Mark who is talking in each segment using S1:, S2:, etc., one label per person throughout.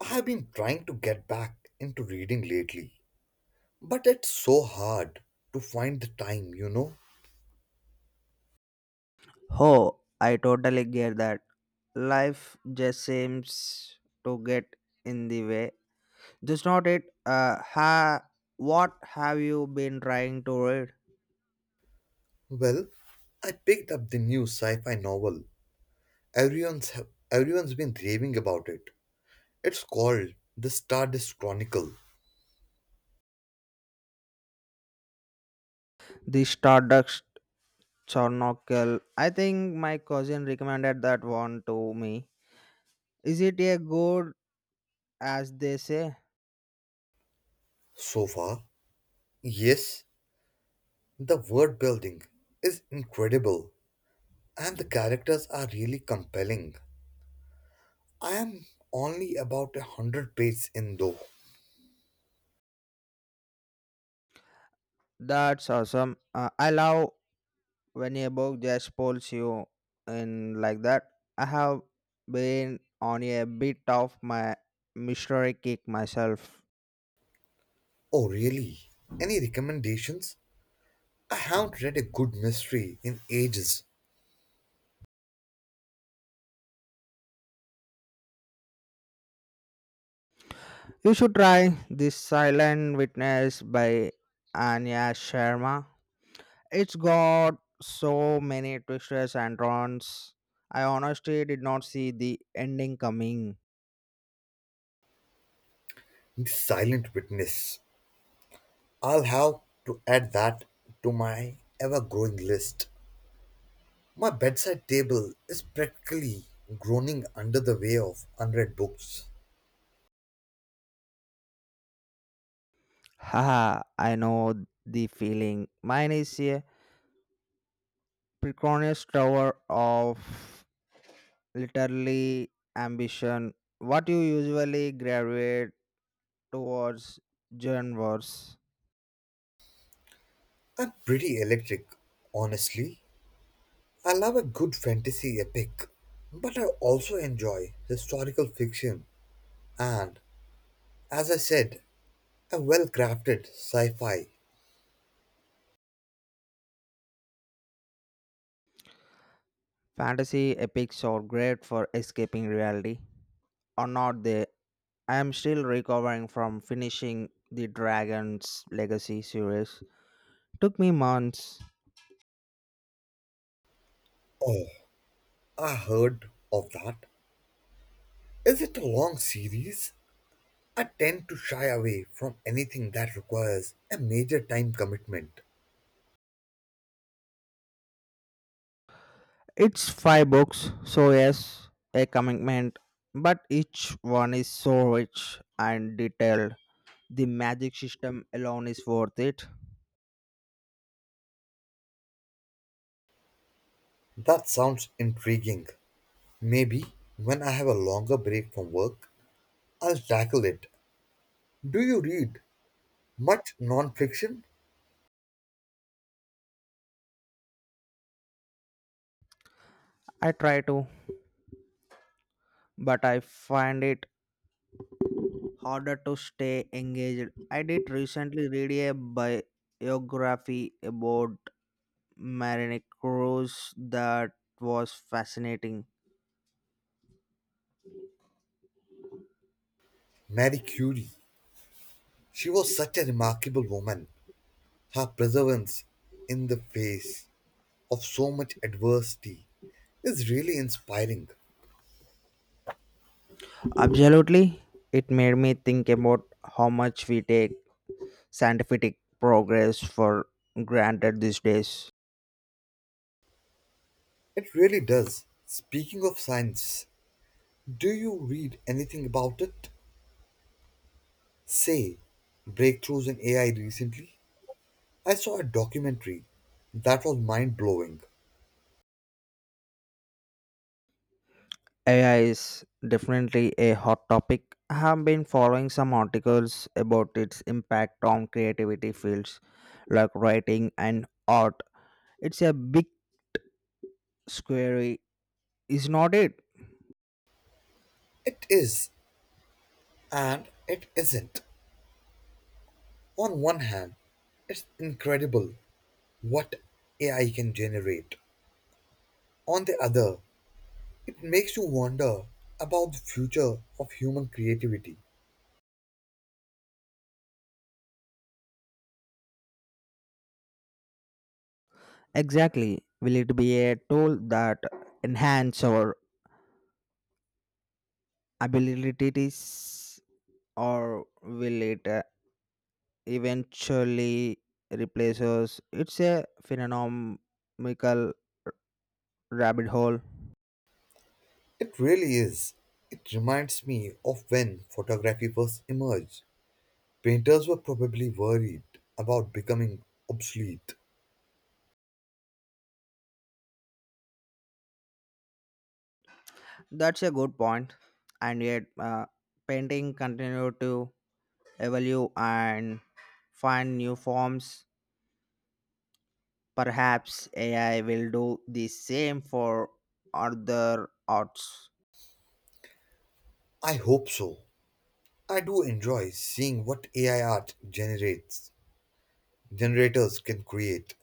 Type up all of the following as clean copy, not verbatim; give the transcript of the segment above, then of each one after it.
S1: I have been trying to get back into reading lately, but it's so hard to find the time, you know.
S2: Oh, I totally get that. Life just seems to get in the way. Just not it. Ha. What have you been trying to read?
S1: Well, I picked up the new sci-fi novel. Everyone's everyone's been raving about it. It's called The Stardust Chronicle.
S2: The Stardust Chronocle. I think my cousin recommended that one to me. Is it a good as they say?
S1: So far, yes, the world building is incredible and the characters are really compelling. I am only about 100 pages in though.
S2: That's awesome. I love when you book just pulls you in like that. I have been on a bit of my mystery kick myself.
S1: Oh, really? Any recommendations? I haven't read a good mystery in ages.
S2: You should try this Silent Witness by Anya Sharma. It's got so many twists and turns. I honestly did not see the ending coming.
S1: The Silent Witness. I'll have to add that to my ever growing list. My bedside table is practically groaning under the weight of unread books.
S2: I know the feeling. Mine is a Preconis Tower of literally ambition. What you usually gravitate towards genres,
S1: I'm pretty electric, honestly. I love a good fantasy epic, but I also enjoy historical fiction and, as I said, a well crafted sci fi.
S2: fantasy epics or great for escaping reality, are not they? I am still recovering from finishing the Dragon's Legacy series. Took me months.
S1: Oh, I heard of that. Is it a long series? I tend to shy away from anything that requires a major time commitment.
S2: It's five books, so yes, a commitment, but each one is so rich and detailed. The magic system alone is worth it.
S1: That sounds intriguing. Maybe when I have a longer break from work, I'll tackle it. Do you read much nonfiction?
S2: I try to, but I find it harder to stay engaged. I did recently read a biography about Marine Cruz that was fascinating.
S1: Marie Curie. She was such a remarkable woman. Her perseverance in the face of so much adversity is really inspiring.
S2: Absolutely, it made me think about how much we take scientific progress for granted these days.
S1: It really does. Speaking of science, do you read anything about it? Say, breakthroughs in AI recently? I saw a documentary that was mind blowing.
S2: AI is definitely a hot topic. I have been following some articles about its impact on creativity fields like writing and art. It's a big square, is not it?
S1: It is and it isn't. On one hand, it's incredible what AI can generate. On the other, it makes you wonder about the future of human creativity.
S2: Exactly. Will it be a tool that enhance our abilities or will it eventually replace us? It's a phenomenomical rabbit hole.
S1: It really is. It reminds me of when photography first emerged. Painters were probably worried about becoming obsolete.
S2: That's a good point, and yet painting continued to evolve and find new forms. Perhaps AI will do the same for other arts.
S1: I hope so. I do enjoy seeing what AI art generates, generators can create,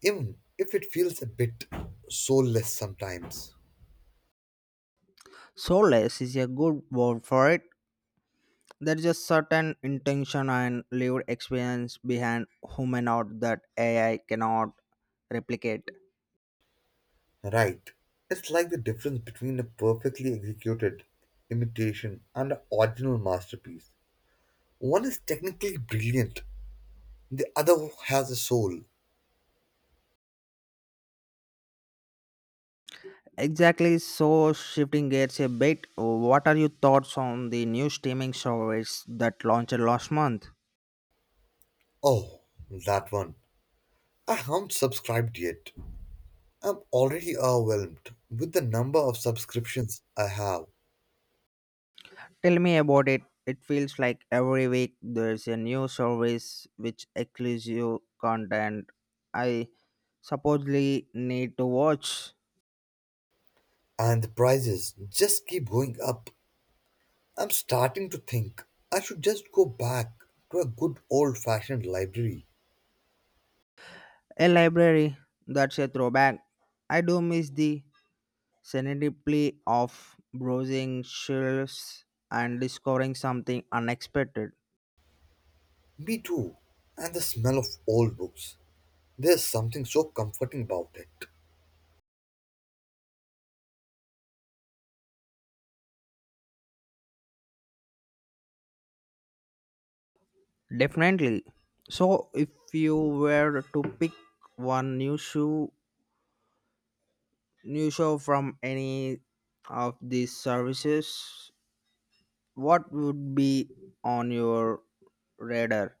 S1: even if it feels a bit soulless sometimes.
S2: Soulless is a good word for it. There is a certain intention and lived experience behind human art that AI cannot replicate.
S1: Right. It's like the difference between a perfectly executed imitation and an original masterpiece. One is technically brilliant, the other has a soul.
S2: Exactly, so shifting gears a bit, what are your thoughts on the new streaming service that launched last month?
S1: Oh, that one. I haven't subscribed yet. I'm already overwhelmed with the number of subscriptions I have,
S2: Tell me about it. It feels like every week there's a new service which exclusive content I supposedly need to watch.
S1: and the prices just keep going up. I'm starting to think I should just go back to a good old fashioned library.
S2: A library, that's a throwback. I do miss the serendipity of browsing shelves and discovering something unexpected.
S1: Me too. And the smell of old books. There's something so comforting about it.
S2: Definitely. So, if you were to pick one new shoe, new show from any of these services, what would be on your radar?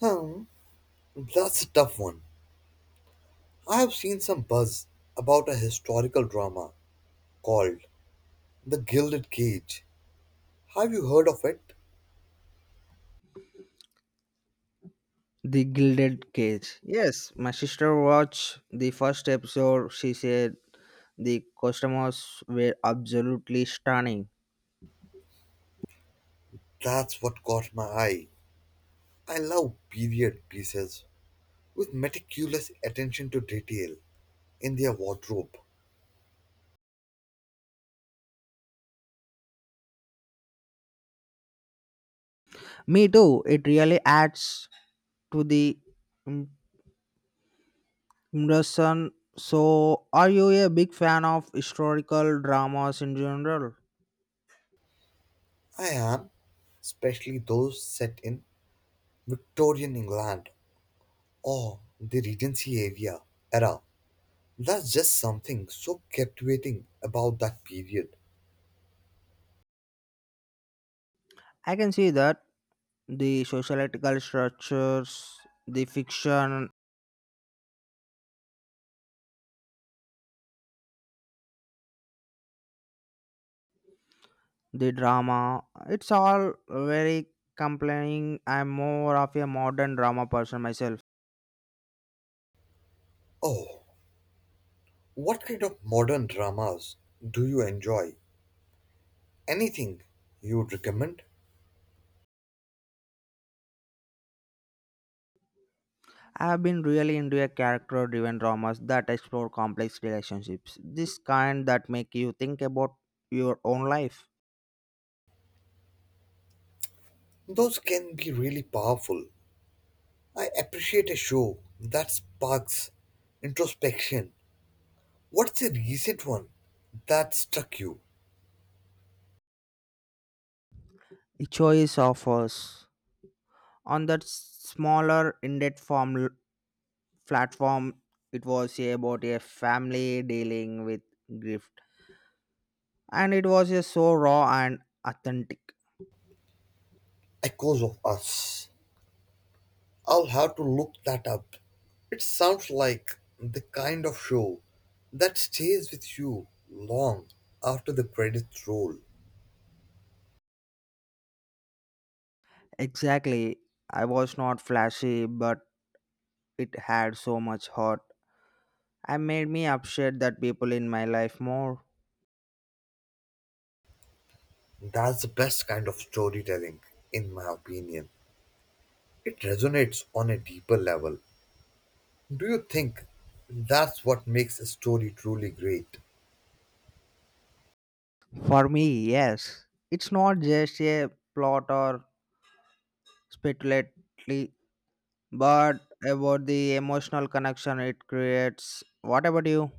S1: Hmm, that's a tough one. I have seen some buzz about a historical drama called The Gilded Cage. Have you heard of it?
S2: The Gilded Cage. Yes, my sister watched the first episode. She said the costumes were absolutely stunning.
S1: That's what caught my eye. I love period pieces with meticulous attention to detail in their wardrobe.
S2: Me too. It really adds to the im- immersion. So, are you a big fan of historical dramas in general?
S1: I am, especially those set in Victorian England or the Regency area era. There's just something so captivating about that period.
S2: I can see that the sociological structures, the fiction, the drama it's all very complaining. I'm more of a modern drama person myself.
S1: Oh, what kind of modern dramas do you enjoy? Anything you would recommend?
S2: I have been really into a character driven dramas that explore complex relationships, this kind that make you think about your own life.
S1: Those can be really powerful. I appreciate a show that sparks introspection. What's a recent one that struck you?
S2: The choice offers on that smaller in-depth platform. It was about a family dealing with grief, and it was just so raw and authentic.
S1: Echoes of Us. I'll have to look that up. It sounds like the kind of show that stays with you long after the credits roll.
S2: Exactly. I was not flashy, but it had so much heart and made me appreciate that people in my life more.
S1: That's the best kind of storytelling, in my opinion. It resonates on a deeper level. Do you think that's what makes a story truly great?
S2: For me, yes, it's not just a plot or speculatively, but about the emotional connection it creates. What about you?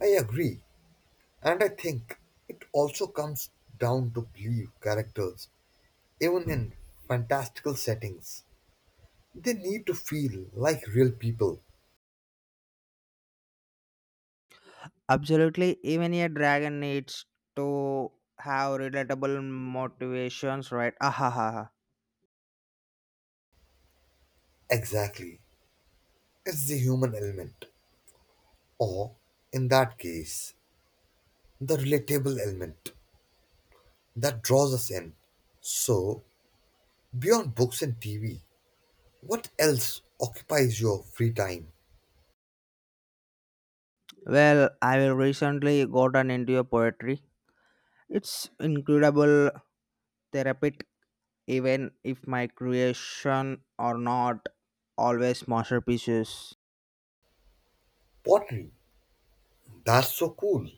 S1: I agree, and I think it also comes down to believe characters, even in fantastical settings. They need to feel like real people.
S2: Absolutely, even a dragon needs to have relatable motivations, right? Ahaha.
S1: Exactly. It's the human element, or in that case, the relatable element that draws us in. So, beyond books and TV, what else occupies your free time?
S2: Well, I will recently gotten into a poetry. It's incredible therapeutic even if my creation are not always masterpieces.
S1: Pottery. That's so cool.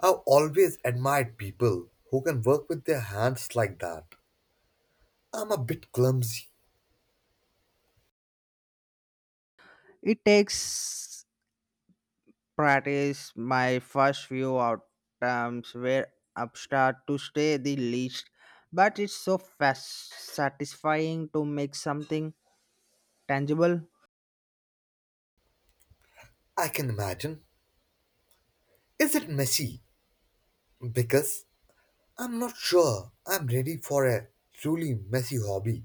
S1: I've always admired people who can work with their hands like that. I'm a bit clumsy.
S2: It takes practice. My first few outcomes were abstract to say the least, but it's so fast satisfying to make something tangible.
S1: I can imagine. Is it messy? Because I'm not sure I'm ready for a truly messy hobby.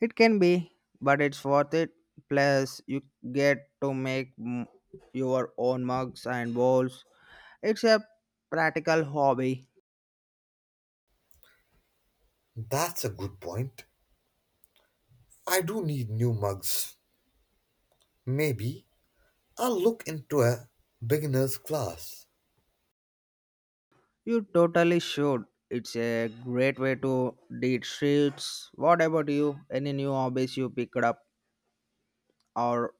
S2: It can be, but it's worth it. Plus, you get to make your own mugs and bowls. It's a practical hobby.
S1: That's a good point. I do need new mugs. Maybe I'll look into a beginner's class.
S2: You totally should. It's a great way to deed streets. What about you? Any new hobbies you picked up or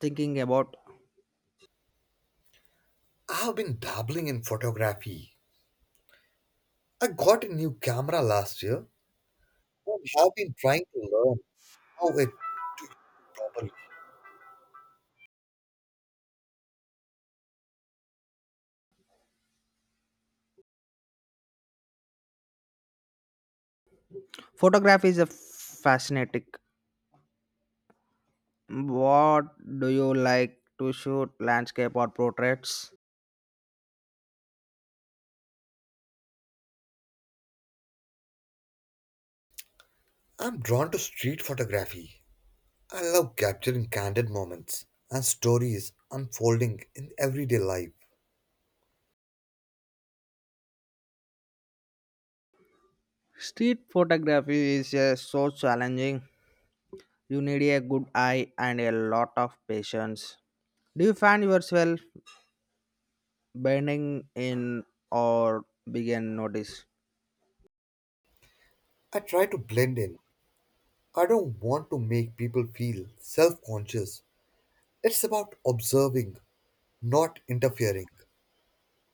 S2: thinking about?
S1: I have been dabbling in photography. I got a new camera last year and have been trying to learn how it to use it properly.
S2: Photography is a fascinating. What do you like to shoot? Landscape or portraits?
S1: I'm drawn to street photography. I love capturing candid moments and stories unfolding in everyday life.
S2: Street photography is so challenging. You need a good eye and a lot of patience. Do you find yourself bending in or begin notice?
S1: I try to blend in. I don't want to make people feel self conscious. It's about observing, not interfering.